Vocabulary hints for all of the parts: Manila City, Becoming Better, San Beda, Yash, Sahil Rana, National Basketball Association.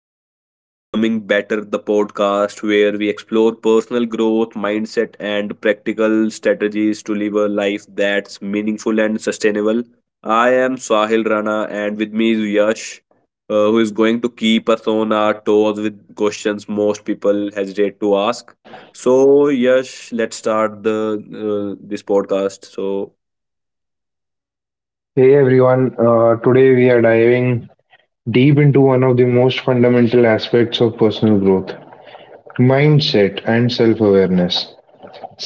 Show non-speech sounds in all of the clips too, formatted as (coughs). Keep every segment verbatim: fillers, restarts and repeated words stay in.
welcome to Becoming Better, the podcast where we explore personal growth, mindset, and practical strategies to live a life that's meaningful and sustainable. I am Sahil Rana, and with me is Yash, uh, who is going to keep us on our toes with questions most people hesitate to ask. So, Yash, let's start the uh, this podcast. So, Hey everyone, uh, today we are diving deep into one of the most fundamental aspects of personal growth mindset and self awareness.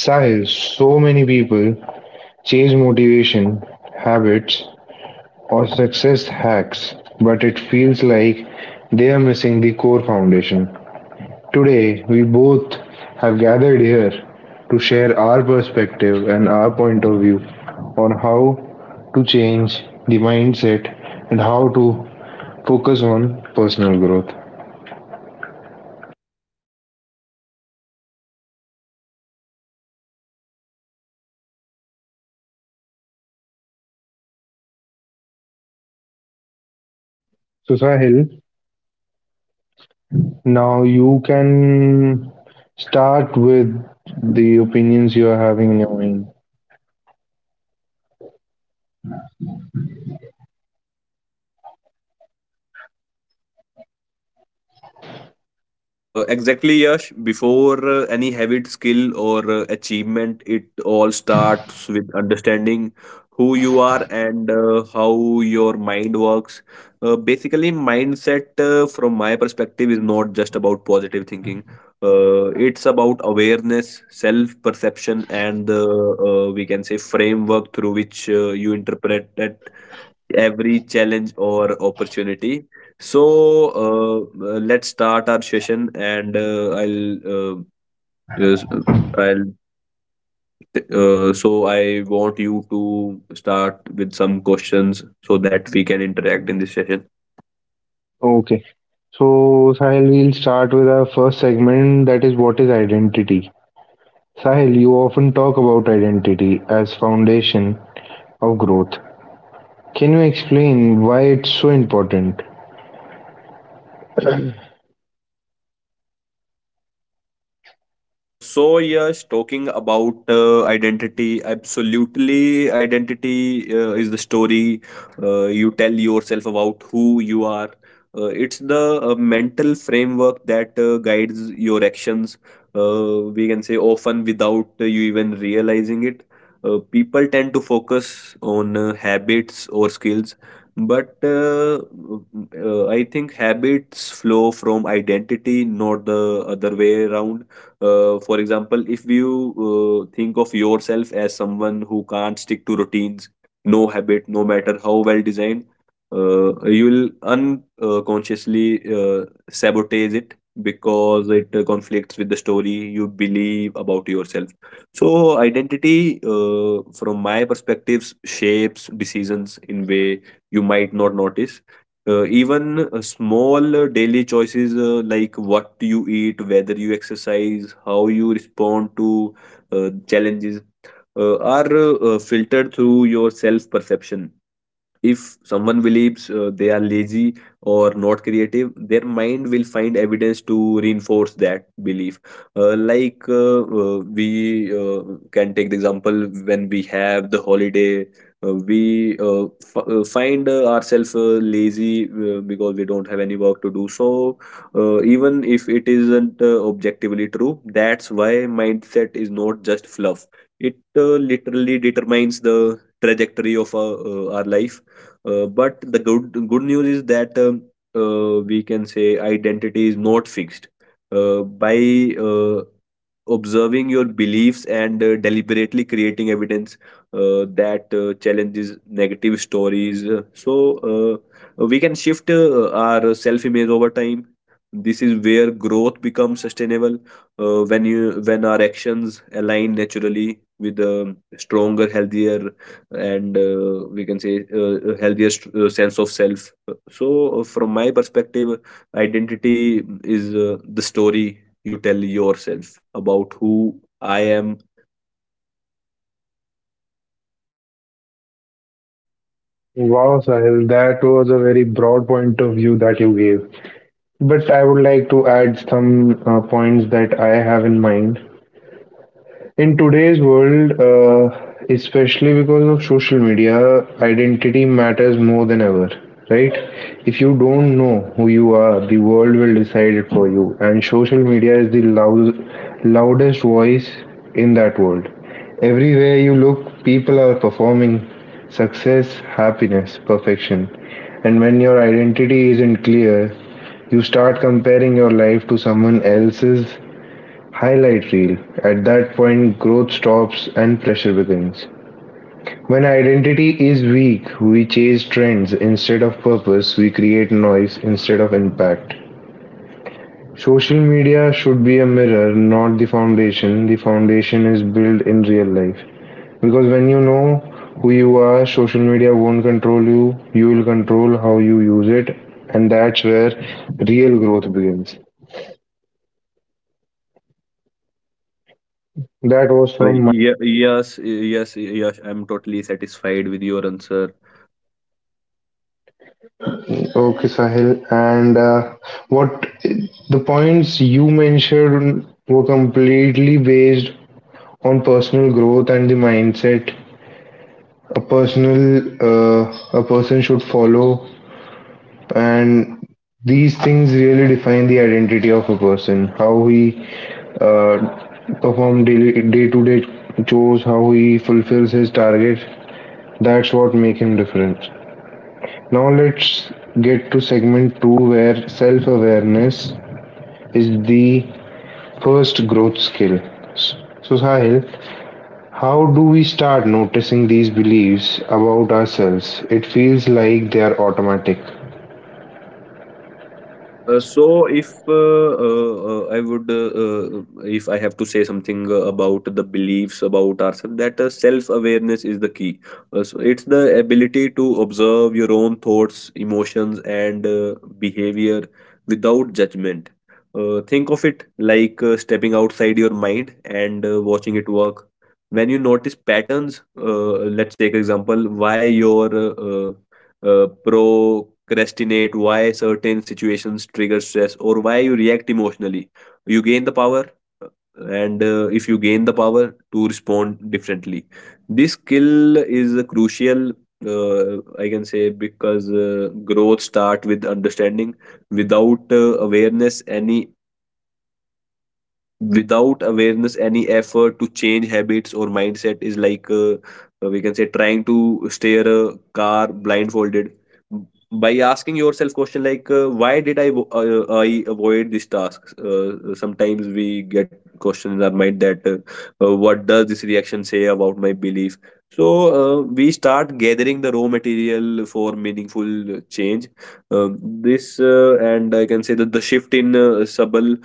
Sahil, so many people chase motivation, habits, or success hacks, but it feels like they are missing the core foundation. Today, we both have gathered here to share our perspective and our point of view on how to change the mindset and how to focus on personal growth. So, Sahil, now you can start with the opinions you are having in your mind. Uh, exactly, Yash. Before uh, any habit, skill, or uh, achievement, it all starts with understanding who you are and uh, how your mind works. Uh, basically, mindset, uh, from my perspective, is not just about positive thinking. Uh, it's about awareness, self perception, and the uh, we can say framework through which uh, you interpret every challenge or opportunity. So uh, uh, let's start our session, and uh, I'll uh, just- I'll uh, so I want you to start with some questions so that we can interact in this session. Okay. So, Sahil, we'll start with our first segment, that is, what is identity? Sahil, you often talk about identity as foundation of growth. Can you explain why it's so important? Uh, so yes, talking about uh, identity, absolutely, identity uh, is the story uh, you tell yourself about who you are. Uh, it's the uh, mental framework that uh, guides your actions. Uh, we can say often without uh, you even realizing it. Uh, people tend to focus on uh, habits or skills, but uh, uh, I think habits flow from identity, not the other way around. Uh, for example, if you uh, think of yourself as someone who can't stick to routines, no habit, no matter how well designed, uh, you'll unconsciously uh, sabotage it because it uh, conflicts with the story you believe about yourself. So identity, uh, from my perspectives, shapes decisions in way you might not notice. Uh, even uh, small uh, daily choices, uh, like what you eat, whether you exercise, how you respond to uh, challenges, uh, are uh, uh, filtered through your self perception. If someone believes uh, they are lazy or not creative, their mind will find evidence to reinforce that belief. Uh, like uh, uh, we uh, can take the example when we have the holiday, uh, we uh, f- uh, find uh, ourselves uh, lazy uh, because we don't have any work to do. So uh, even if it isn't uh, objectively true, that's why mindset is not just fluff. It uh, literally determines the trajectory of our, uh, our life. Uh, but the good good news is that um, uh, we can say identity is not fixed. Uh, by uh, observing your beliefs and uh, deliberately creating evidence uh, that uh, challenges negative stories, uh, so uh, we can shift uh, our self image over time. This is where growth becomes sustainable, uh, when you when our actions align naturally with a stronger, healthier, and uh, we can say uh, a healthier st- uh, sense of self. So uh, from my perspective, identity is uh, the story you tell yourself about who I am. Wow, Sahil, that was a very broad point of view that you gave. But I would like to add some uh, points that I have in mind. In today's world, uh, especially because of social media, identity matters more than ever, right? If you don't know who you are, the world will decide it for you, and social media is the loud, loudest voice in that world. Everywhere you look, people are performing success, happiness, perfection. And when your identity isn't clear, you start comparing your life to someone else's highlight reel. At that point, growth stops and pressure begins. When identity is weak, we chase trends instead of purpose, we create noise instead of impact. Social media should be a mirror, not the foundation. The foundation is built in real life. Because when you know who you are, social media won't control you, you will control how you use it, and that's where real growth begins. That was uh, from. ye- yes yes yes I'm totally satisfied with your answer. Okay, Sahil. And uh, what, the points you mentioned were completely based on personal growth and the mindset a personal uh, a person should follow, and these things really define the identity of a person. How he uh, perform daily day to day chores, how he fulfills his target. That's what make him different. Now let's get to segment two, where self awareness is the first growth skill. So, Sahil, how do we start noticing these beliefs about ourselves? It feels like they are automatic. Uh, so if uh, uh, uh, I would, uh, uh, If I have to say something uh, about the beliefs about ourselves, that uh, self-awareness is the key. Uh, so it's the ability to observe your own thoughts, emotions, and uh, behavior without judgment. Uh, think of it like uh, stepping outside your mind and uh, watching it work. When you notice patterns, uh, let's take example, why your uh, uh, uh, procrastinate, why certain situations trigger stress, or why you react emotionally. You gain the power, uh, and uh, if you gain the power to respond differently, this skill is a crucial. Uh, I can say because uh, growth start with understanding. Without uh, awareness, any Without awareness, any effort to change habits or mindset is like uh, uh, we can say trying to steer a car blindfolded by asking yourself question like, uh, why did i vo- uh, I avoid this task. Uh, sometimes we get questions in our mind that, uh, uh, what does this reaction say about my belief. So uh, we start gathering the raw material for meaningful change. Um, this uh, And I can say that the shift in uh, subtle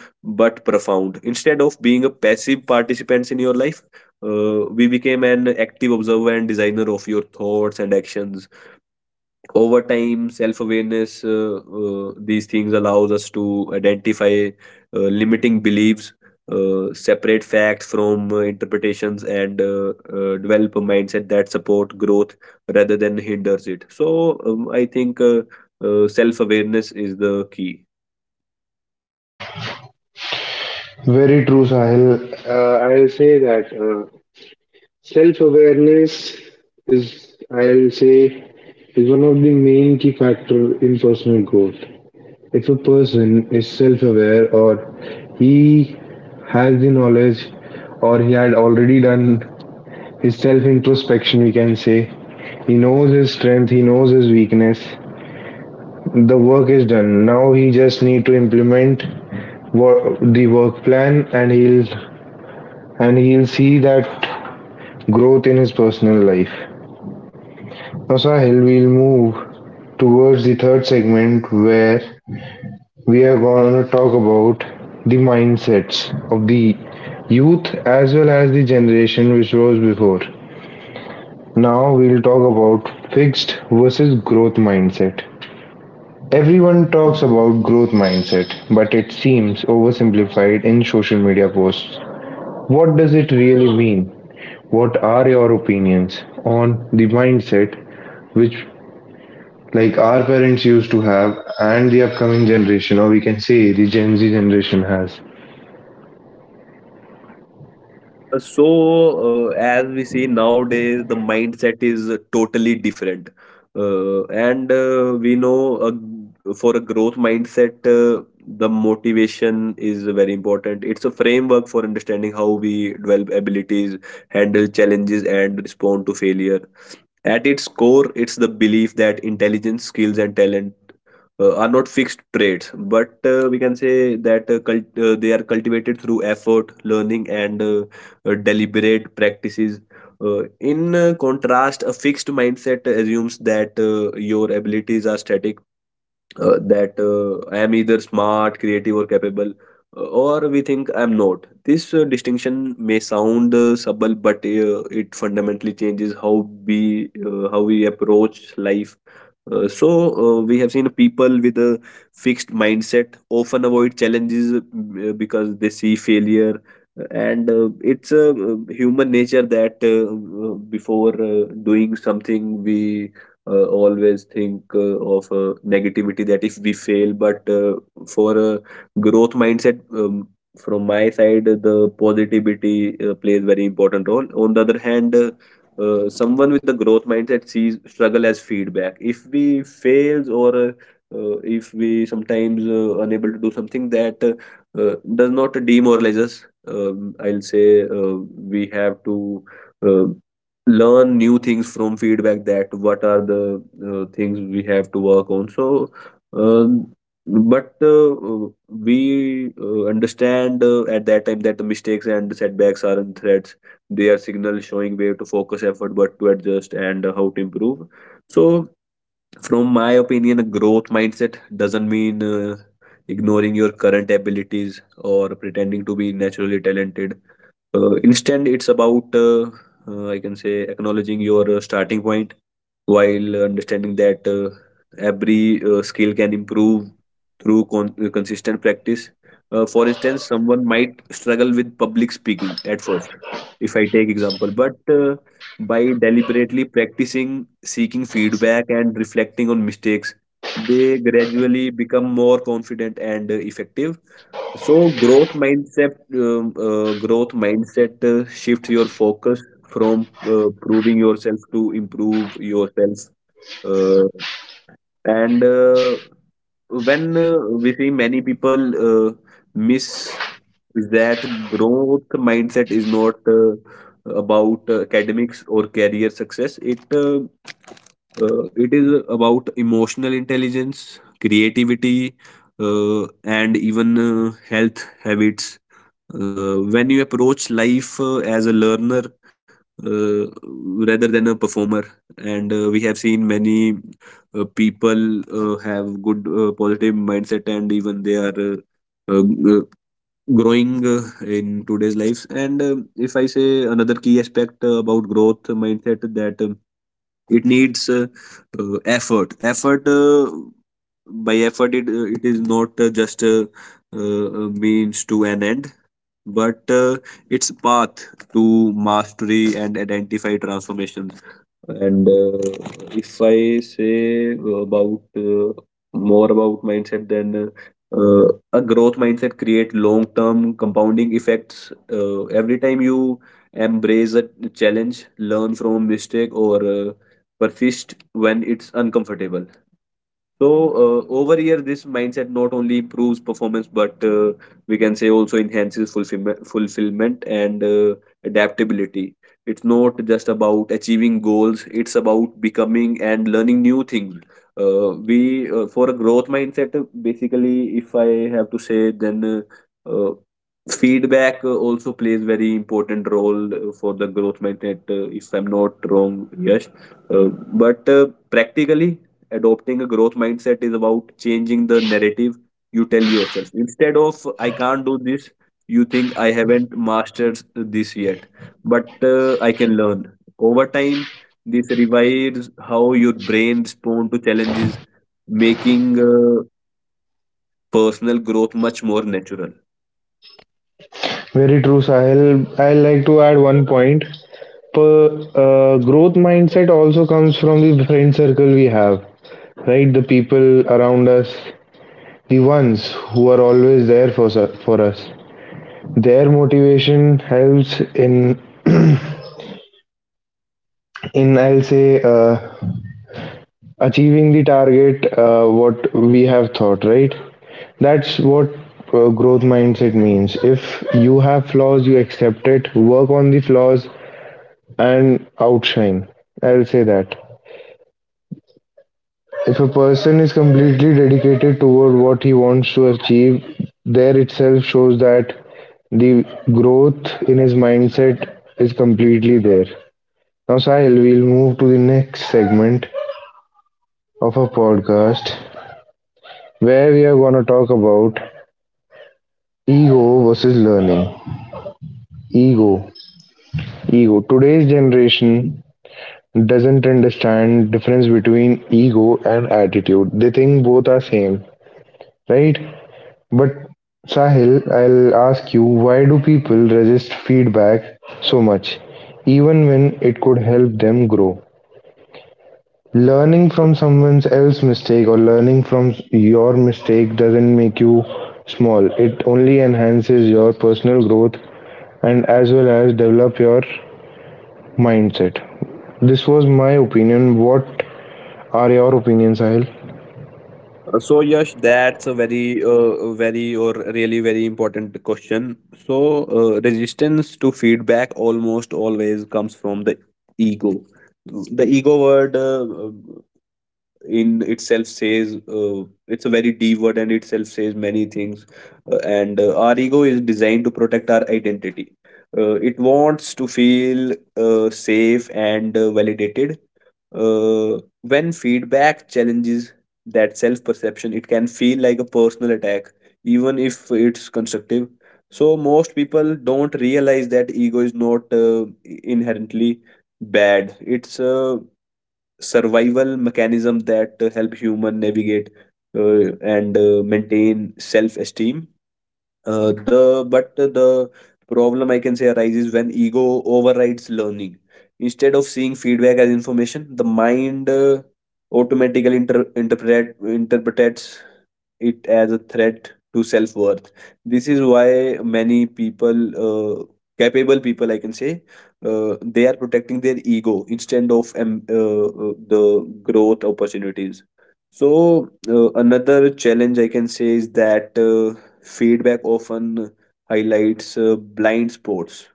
but profound. Instead of being a passive participants in your life, uh, we became an active observer and designer of your thoughts and actions. Over time, self-awareness, uh, uh, these things allows us to identify uh, limiting beliefs, uh, separate facts from uh, interpretations, and uh, uh, develop a mindset that support growth rather than hinders it. So, um, I think uh, uh, self-awareness is the key. Very true, Sahil. Uh, I'll say that uh, self-awareness is, I'll say, is one of the main key factor in personal growth. If a person is self-aware, or he has the knowledge, or he had already done his self-introspection, we can say. He knows his strength, he knows his weakness. The work is done. Now he just need to implement wor- the work plan, and he'll and he'll see that growth in his personal life. Now, Sahil, we'll move towards the third segment where we are going to talk about the mindsets of the youth as well as the generation which was before. Now we'll talk about fixed versus growth mindset. Everyone talks about growth mindset, but it seems oversimplified in social media posts. What does it really mean? What are your opinions on the mindset which, like our parents used to have, and the upcoming generation, or we can say the Gen Z generation has? Uh, so, uh, as we see nowadays, the mindset is totally different. Uh, and uh, we know, uh, for a growth mindset, uh, the motivation is very important. It's a framework for understanding how we develop abilities, handle challenges, and respond to failure. At its core, it's the belief that intelligence, skills, and talent uh, are not fixed traits, but uh, we can say that uh, cult- uh, they are cultivated through effort, learning, and uh, uh, deliberate practices. Uh, in uh, contrast, a fixed mindset assumes that uh, your abilities are static, uh, that uh, I am either smart, creative, or capable, uh, or we think I am not. This uh, distinction may sound uh, subtle, but uh, it fundamentally changes how we uh, how we approach life. Uh, so uh, we have seen people with a fixed mindset often avoid challenges uh, because they see failure. Uh, and uh, it's a uh, human nature that, uh, uh, before uh, doing something, we uh, always think uh, of uh, negativity that if we fail. But uh, for a growth mindset, um, from my side, the positivity uh, plays very important role. On the other hand, uh, uh, someone with a growth mindset sees struggle as feedback. If we fails, or uh, uh, if we sometimes uh, unable to do something, that uh, uh, does not demoralize us. Um, i'll say uh, we have to uh, learn new things from feedback, that what are the uh, things we have to work on. So um, but uh, uh, we uh, understand uh, at that time that the mistakes and setbacks aren't threats, their signal showing where to focus effort, but to adjust and uh, how to improve. So from my opinion, a growth mindset doesn't mean uh, ignoring your current abilities or pretending to be naturally talented. Uh, instead, it's about, uh, uh, I can say, acknowledging your uh, starting point while understanding that uh, every uh, skill can improve through con- uh, consistent practice. Uh, for instance, someone might struggle with public speaking at first, if I take example, but uh, by deliberately practicing, seeking feedback, and reflecting on mistakes, they gradually become more confident and uh, effective. So growth mindset, um, uh, growth mindset uh, shifts your focus from uh, proving yourself to improve yourself. Uh, and uh, When uh, we see many people uh, miss that growth mindset is not uh, about uh, academics or career success. It uh, uh, it is about emotional intelligence, creativity, uh, and even uh, health habits. Uh, when you approach life uh, as a learner uh, rather than a performer, and uh, we have seen many uh, people uh, have good uh, positive mindset and even they are uh, uh, g- uh, growing uh, in today's lives. And um if I say another key aspect uh, about growth mindset, that uh, it needs uh, uh, effort effort uh, By effort, it, uh, it is not uh, just a, uh, a means to an end, but uh, it's path to mastery and identify transformations. And uh, if I say uh, about uh, more about mindset, then uh, a growth mindset create long term compounding effects. Uh, every time you embrace a challenge, learn from mistake, or uh, persist when it's uncomfortable, so uh, over here, this mindset not only improves performance, but uh, we can say also enhances fulfillment, fulfillment and uh, adaptability. It's not just about achieving goals; it's about becoming and learning new things. Uh, we uh, For a growth mindset, uh, basically, if I have to say, then uh, uh, feedback uh, also plays very important role uh, for the growth mindset. Uh, if I'm not wrong, yes, uh, but uh, practically adopting a growth mindset is about changing the narrative you tell yourself. Instead of I can't do this, you think I haven't mastered this yet, but uh, I can learn. Over time, this revives how your brain responds to challenges, making uh, personal growth much more natural. Very true, Sahil. I like to add one point. Per, uh, growth mindset also comes from the friend circle we have, right? The people around us, the ones who are always there for us, for us. Their motivation helps in in I'll say uh, achieving the target uh, what we have thought. Right. That's what uh, growth mindset means. If you have flaws, you accept it, work on the flaws, and outshine. I'll say that. If a person is completely dedicated toward what he wants to achieve, there itself shows that the growth in his mindset is completely there. Now, Sahil, we'll move to the next segment of our podcast where we are going to talk about ego versus learning. Ego. Ego. Today's generation doesn't understand difference between ego and attitude. They think both are same, right? But Sahil, I'll ask you, why do people resist feedback so much, even when it could help them grow? Learning from someone else's mistake or learning from your mistake doesn't make you small. It only enhances your personal growth and as well as develop your mindset. This was my opinion. What are your opinions, Sahil? Uh, So Yash, that's a very, uh, very or really very important question. So uh, resistance to feedback almost always comes from the ego. The ego word. Uh, in itself says uh, it's a very d word and itself says many things uh, and uh, our ego is designed to protect our identity. Uh, it wants to feel uh, safe and uh, validated. Uh, when feedback challenges that self perception, it can feel like a personal attack even if it's constructive. So most people don't realize that ego is not uh, inherently bad. It's uh, survival mechanism that uh, help human navigate uh, and uh, maintain self-esteem. Uh, the but the problem, I can say, arises when ego overrides learning. Instead of seeing feedback as information, the mind uh, automatically inter- interpret interprets it as a threat to self worth. This is why many people, uh, capable people, I can say, uh, they are protecting their ego instead of um, uh, uh, the growth opportunities. So uh, another challenge I can say is that. Uh, Feedback often highlights uh, blind spots.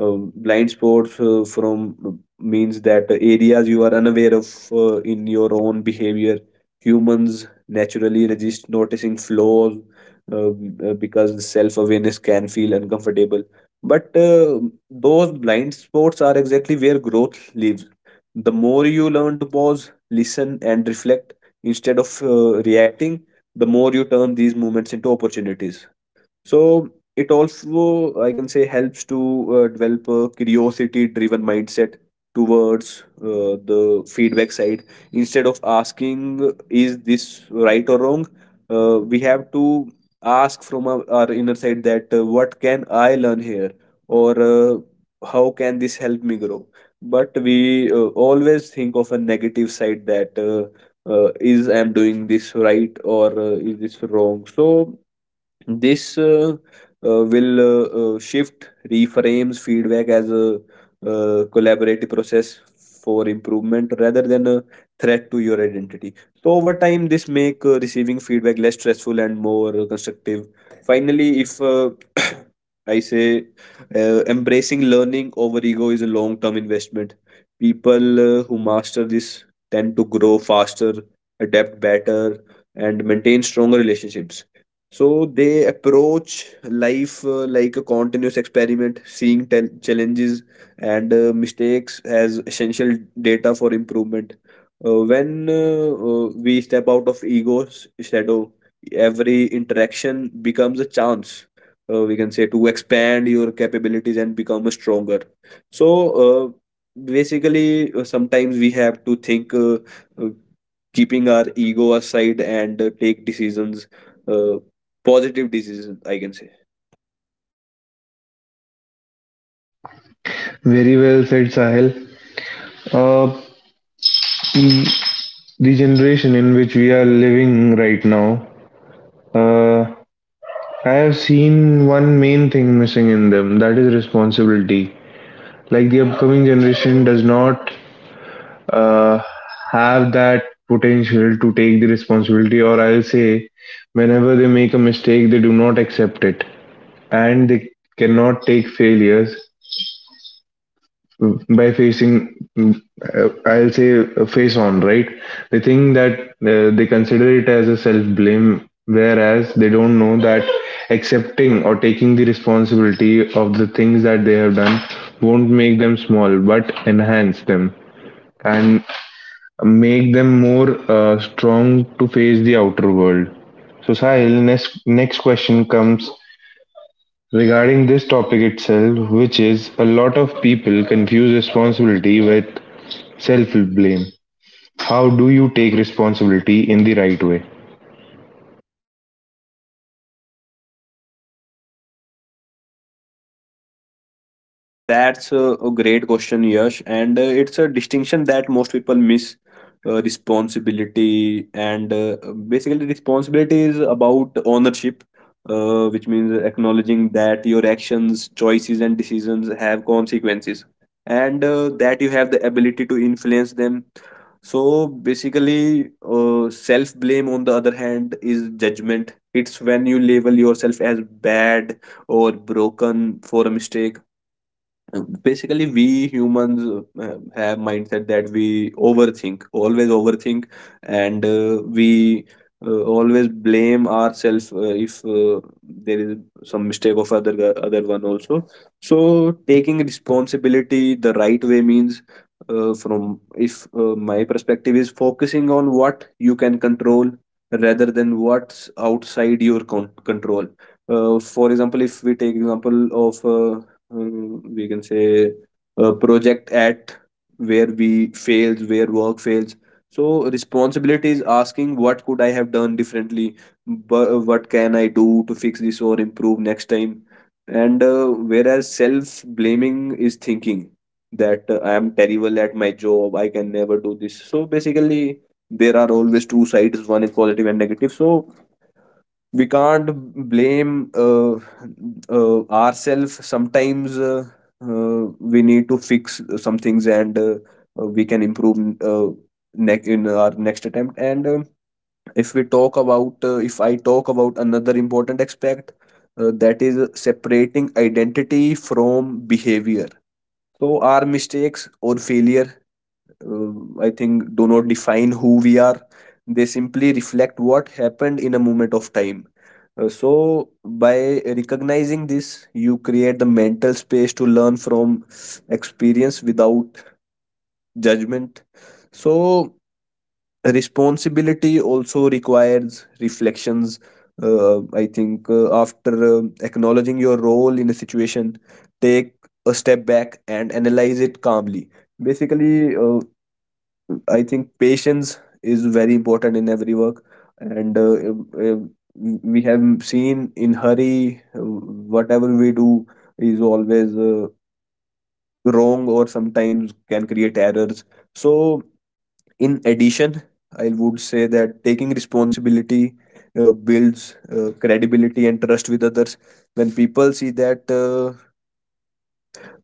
Um, blind spots uh, from uh, means that areas you are unaware of uh, in your own behavior. Humans naturally resist noticing flaws uh, uh, because self-awareness can feel uncomfortable. But uh, those blind spots are exactly where growth lives. The more you learn to pause, listen, and reflect instead of uh, reacting, the more you turn these moments into opportunities. So it also, I can say, helps to uh, develop a curiosity-driven mindset towards uh, the feedback side. Instead of asking, "Is this right or wrong?" uh, we have to ask from our, our inner side that, uh, "What can I learn here?" Or uh, "How can this help me grow?" But we uh, always think of a negative side that uh, uh, is I'm doing this right, or uh, is this wrong? So this uh, uh, will uh, uh, shift, reframes feedback as a uh, collaborative process for improvement rather than a threat to your identity. So over time, this make uh, receiving feedback less stressful and more uh, constructive. Finally, if uh, (coughs) (clears throat) I say uh, embracing learning over ego is a long-term investment. People uh, who master this tend to grow faster, adapt better, and maintain stronger relationships. So they approach life uh, like a continuous experiment, seeing tel- challenges and uh, mistakes as essential data for improvement. Uh, when uh, uh, we step out of ego's shadow, every interaction becomes a chance. Uh, we can say to expand your capabilities and become stronger. So uh, basically, uh, sometimes we have to think, uh, uh, keeping our ego aside and uh, take decisions. Uh, Positive diseases, I can say. Very well said, Sahil. Uh, the generation in which we are living right now, uh, I have seen one main thing missing in them, that is responsibility. Like the upcoming generation does not uh, have that potential to take the responsibility, or I'll say, whenever they make a mistake, they do not accept it and they cannot take failures. Mm, by facing, mm, uh, I'll say, uh, face on, right, they think that uh, they consider it as a self blame, whereas they don't know that accepting or taking the responsibility of the things that they have done won't make them small, but enhance them and make them more uh, strong to face the outer world. So Sahil, next next question comes regarding this topic itself, which is, a lot of people confuse responsibility with self-blame. How do you take responsibility in the right way? Uh, that's a, a great question, Yash, and uh, it's a distinction that most people miss. Uh, responsibility and uh, basically Responsibility is about ownership, uh, which means acknowledging that your actions, choices, and decisions have consequences, and uh, that you have the ability to influence them. So basically, uh, self blame on the other hand is judgment. It's when you label yourself as bad or broken for a mistake. Basically, we humans uh, have mindset that we overthink always overthink, and uh, we uh, always blame ourselves uh, if uh, there is some mistake of other other one also. So taking responsibility the right way means, uh, from if uh, my perspective, is focusing on what you can control rather than what's outside your con- control. Uh, for example, if we take example of uh, um, we can say a project at where we failed, where work fails. So responsibility is asking what could I have done differently, but what can I do to fix this or improve next time. And uh, whereas self blaming is thinking that uh, I am terrible at my job, I can never do this. So basically, there are always two sides, one is positive and negative. So we can't blame uh, uh, ourselves sometimes. Uh, uh, we need to fix some things, and uh, uh, we can improve uh, ne- in our next attempt. And um if we talk about, uh, if I talk about another important aspect, uh, that is separating identity from behavior. So our mistakes or failure, uh, I think, do not define who we are. They simply reflect what happened in a moment of time. Uh, so by recognizing this, you create the mental space to learn from experience without judgment. So responsibility also requires reflections. uh, I think uh, after uh, acknowledging your role in a situation, take a step back and analyze it calmly. Basically, uh, I think patience is very important in every work, and uh, uh, we have seen in hurry, uh, whatever we do is always uh, wrong or sometimes can create errors. So, in addition, I would say that taking responsibility uh, builds uh, credibility and trust with others. When people see that uh,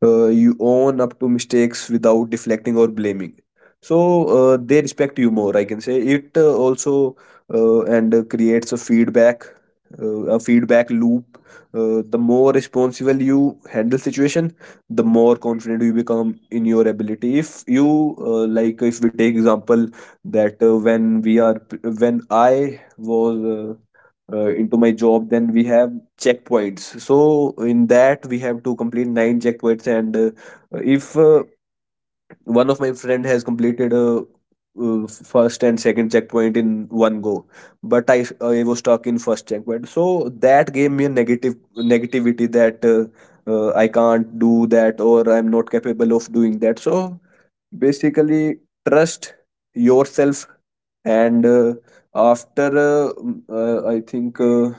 uh, you own up to mistakes without deflecting or blaming, so uh, they respect you more, I can say. It uh, also uh, and uh, creates a feedback uh, a feedback loop. Uh, the more responsible you handle situation, the more confident you become in your ability. If you uh, like, if we take example that uh, when we are when I was uh, uh, into my job, then we have checkpoints. So in that, we have to complete nine checkpoints, and uh, if uh, one of my friend has completed a uh, first and second checkpoint in one go, but i i was stuck in first checkpoint. So that gave me a negative negativity that uh, uh, I can't do that or I'm not capable of doing that. So basically, trust yourself. And uh, after uh, m- uh, I think uh,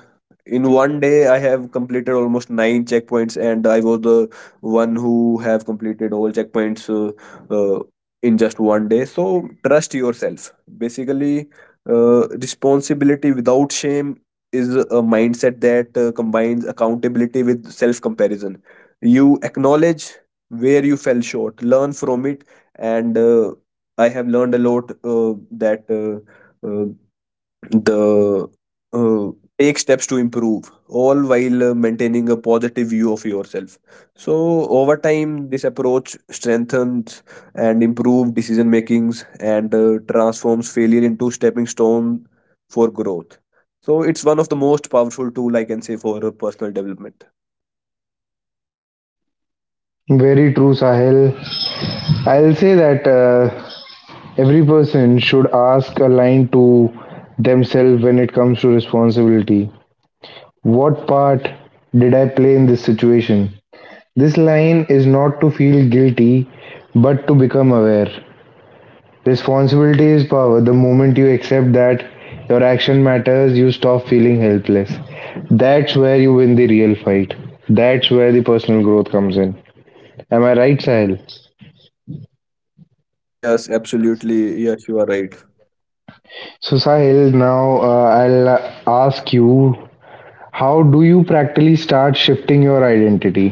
in one day I have completed almost nine checkpoints, and I was the one who have completed all checkpoints uh, uh, in just one day. So trust yourself. Basically, uh, responsibility without shame is a mindset that uh, combines accountability with self comparison. You acknowledge where you fell short, learn from it, and uh, I have learned a lot uh, that uh, uh, the uh, take steps to improve, all while uh, maintaining a positive view of yourself. So over time, this approach strengthens and improves decision makings, and uh, transforms failure into stepping stone for growth. So it's one of the most powerful tool, I can say, for uh, personal development. Very true, Sahil. I'll say that uh, every person should ask a line to themselves when it comes to responsibility. What part did I play in this situation? This line is not to feel guilty, but to become aware. Responsibility is power. The moment you accept that your action matters, you stop feeling helpless. That's where you win the real fight. That's where the personal growth comes in. Am I right, Sahil? Uh, yes, absolutely, yes, you are right. So, Sahil, now uh, I'll uh, ask you, how do you practically start shifting your identity?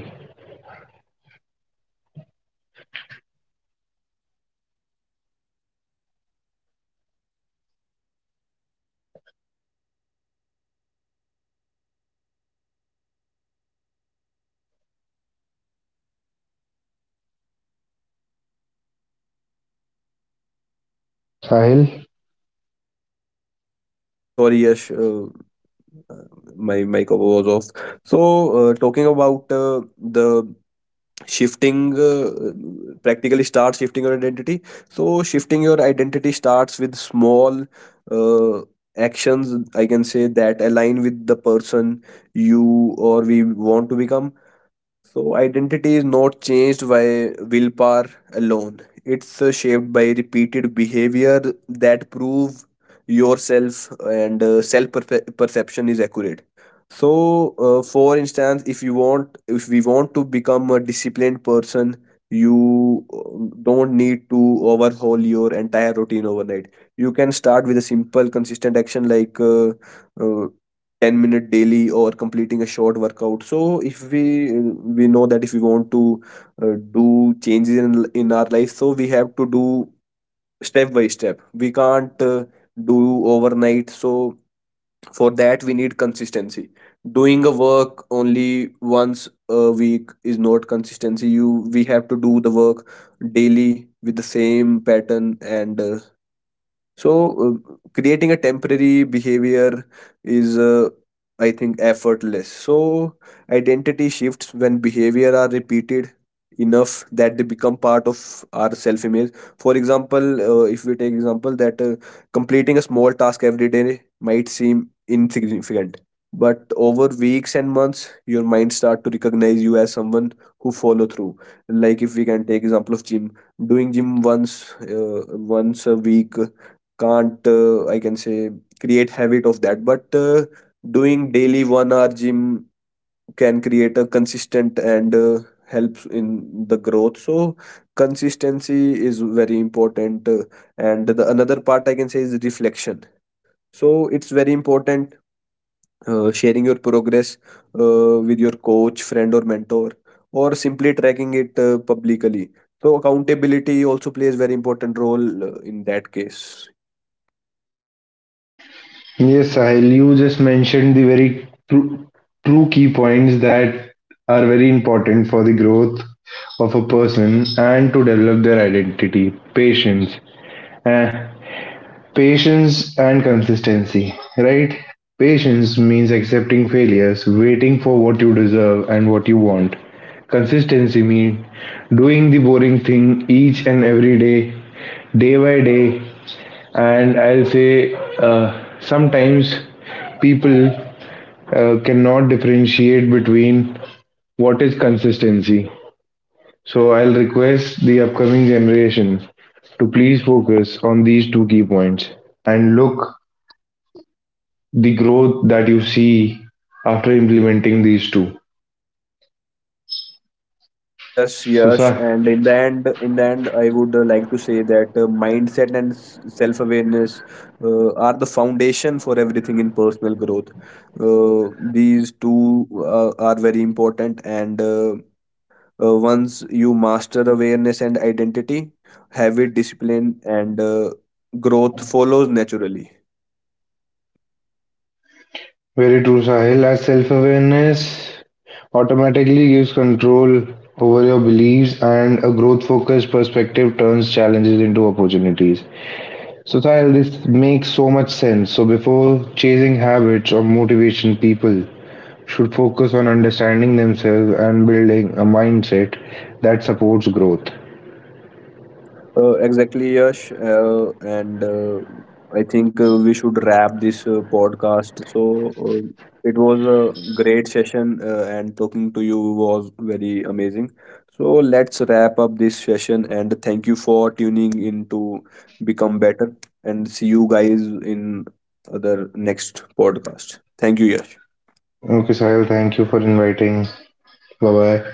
Sahil? Oh, sorry, yes. Uh, my mic was off. So uh, talking about uh, the shifting, uh, practically starts shifting your identity. So shifting your identity starts with small uh, actions, I can say, that align with the person you or we want to become. So, identity is not changed by willpower alone. It's uh, shaped by repeated behavior that prove yourself, and uh, self perfe- perception is accurate. So, uh, for instance, if you want, if we want to become a disciplined person, you uh, don't need to overhaul your entire routine overnight. You can start with a simple, consistent action like uh, uh, ten minute daily or completing a short workout. So if we uh, we know that if we want to uh, do changes in in our life, so we have to do step by step, we can't uh, do overnight. So for that, we need consistency. Doing a work only once a week is not consistency. You We have to do the work daily with the same pattern. And uh, so uh, Creating a temporary behavior is, uh, I think, effortless. So identity shifts when behavior are repeated enough that they become part of our self-image. For example, uh, if we take example that uh, completing a small task every day might seem insignificant, but over weeks and months, your mind start to recognize you as someone who follow through. Like, if we can take example of gym, doing gym once, uh, once a week can't uh, I can say create habit of that. But uh, doing daily one hour gym can create a consistent and uh, helps in the growth. So consistency is very important. Uh, and the another part, I can say, is reflection. So it's very important, uh, sharing your progress uh, with your coach, friend, or mentor, or simply tracking it uh, publicly. So accountability also plays very important role uh, in that case. Yes, Sahil, you just mentioned the very true, true key points that are very important for the growth of a person and to develop their identity. Patience. Uh, patience and consistency, right? Patience means accepting failures, waiting for what you deserve and what you want. Consistency means doing the boring thing each and every day, day by day, and I'll say uh, sometimes people uh, cannot differentiate between what is consistency. So I'll request the upcoming generation to please focus on these two key points and look the growth that you see after implementing these two. Yes, So, yes, sir, and in the end, in the end, I would uh, like to say that uh, mindset and s- self-awareness uh, are the foundation for everything in personal growth. Uh, these two uh, are very important, and uh, uh, once you master awareness and identity, habit, discipline, and uh, growth follows naturally. very true, Sahil. As self awareness automatically gives control over your beliefs, and a growth focused perspective turns challenges into opportunities. So Sahil, this makes so much sense. So before chasing habits or motivation, people should focus on understanding themselves and building a mindset that supports growth. Uh, exactly, Yash. Uh, and uh, I think uh, we should wrap this uh, podcast. So uh, it was a great session, uh, and talking to you was very amazing. So let's wrap up this session, and thank you for tuning in to Become Better. And see you guys in other next podcast. Thank you, Yash. Okay, Sahil, thank you for inviting. Bye bye.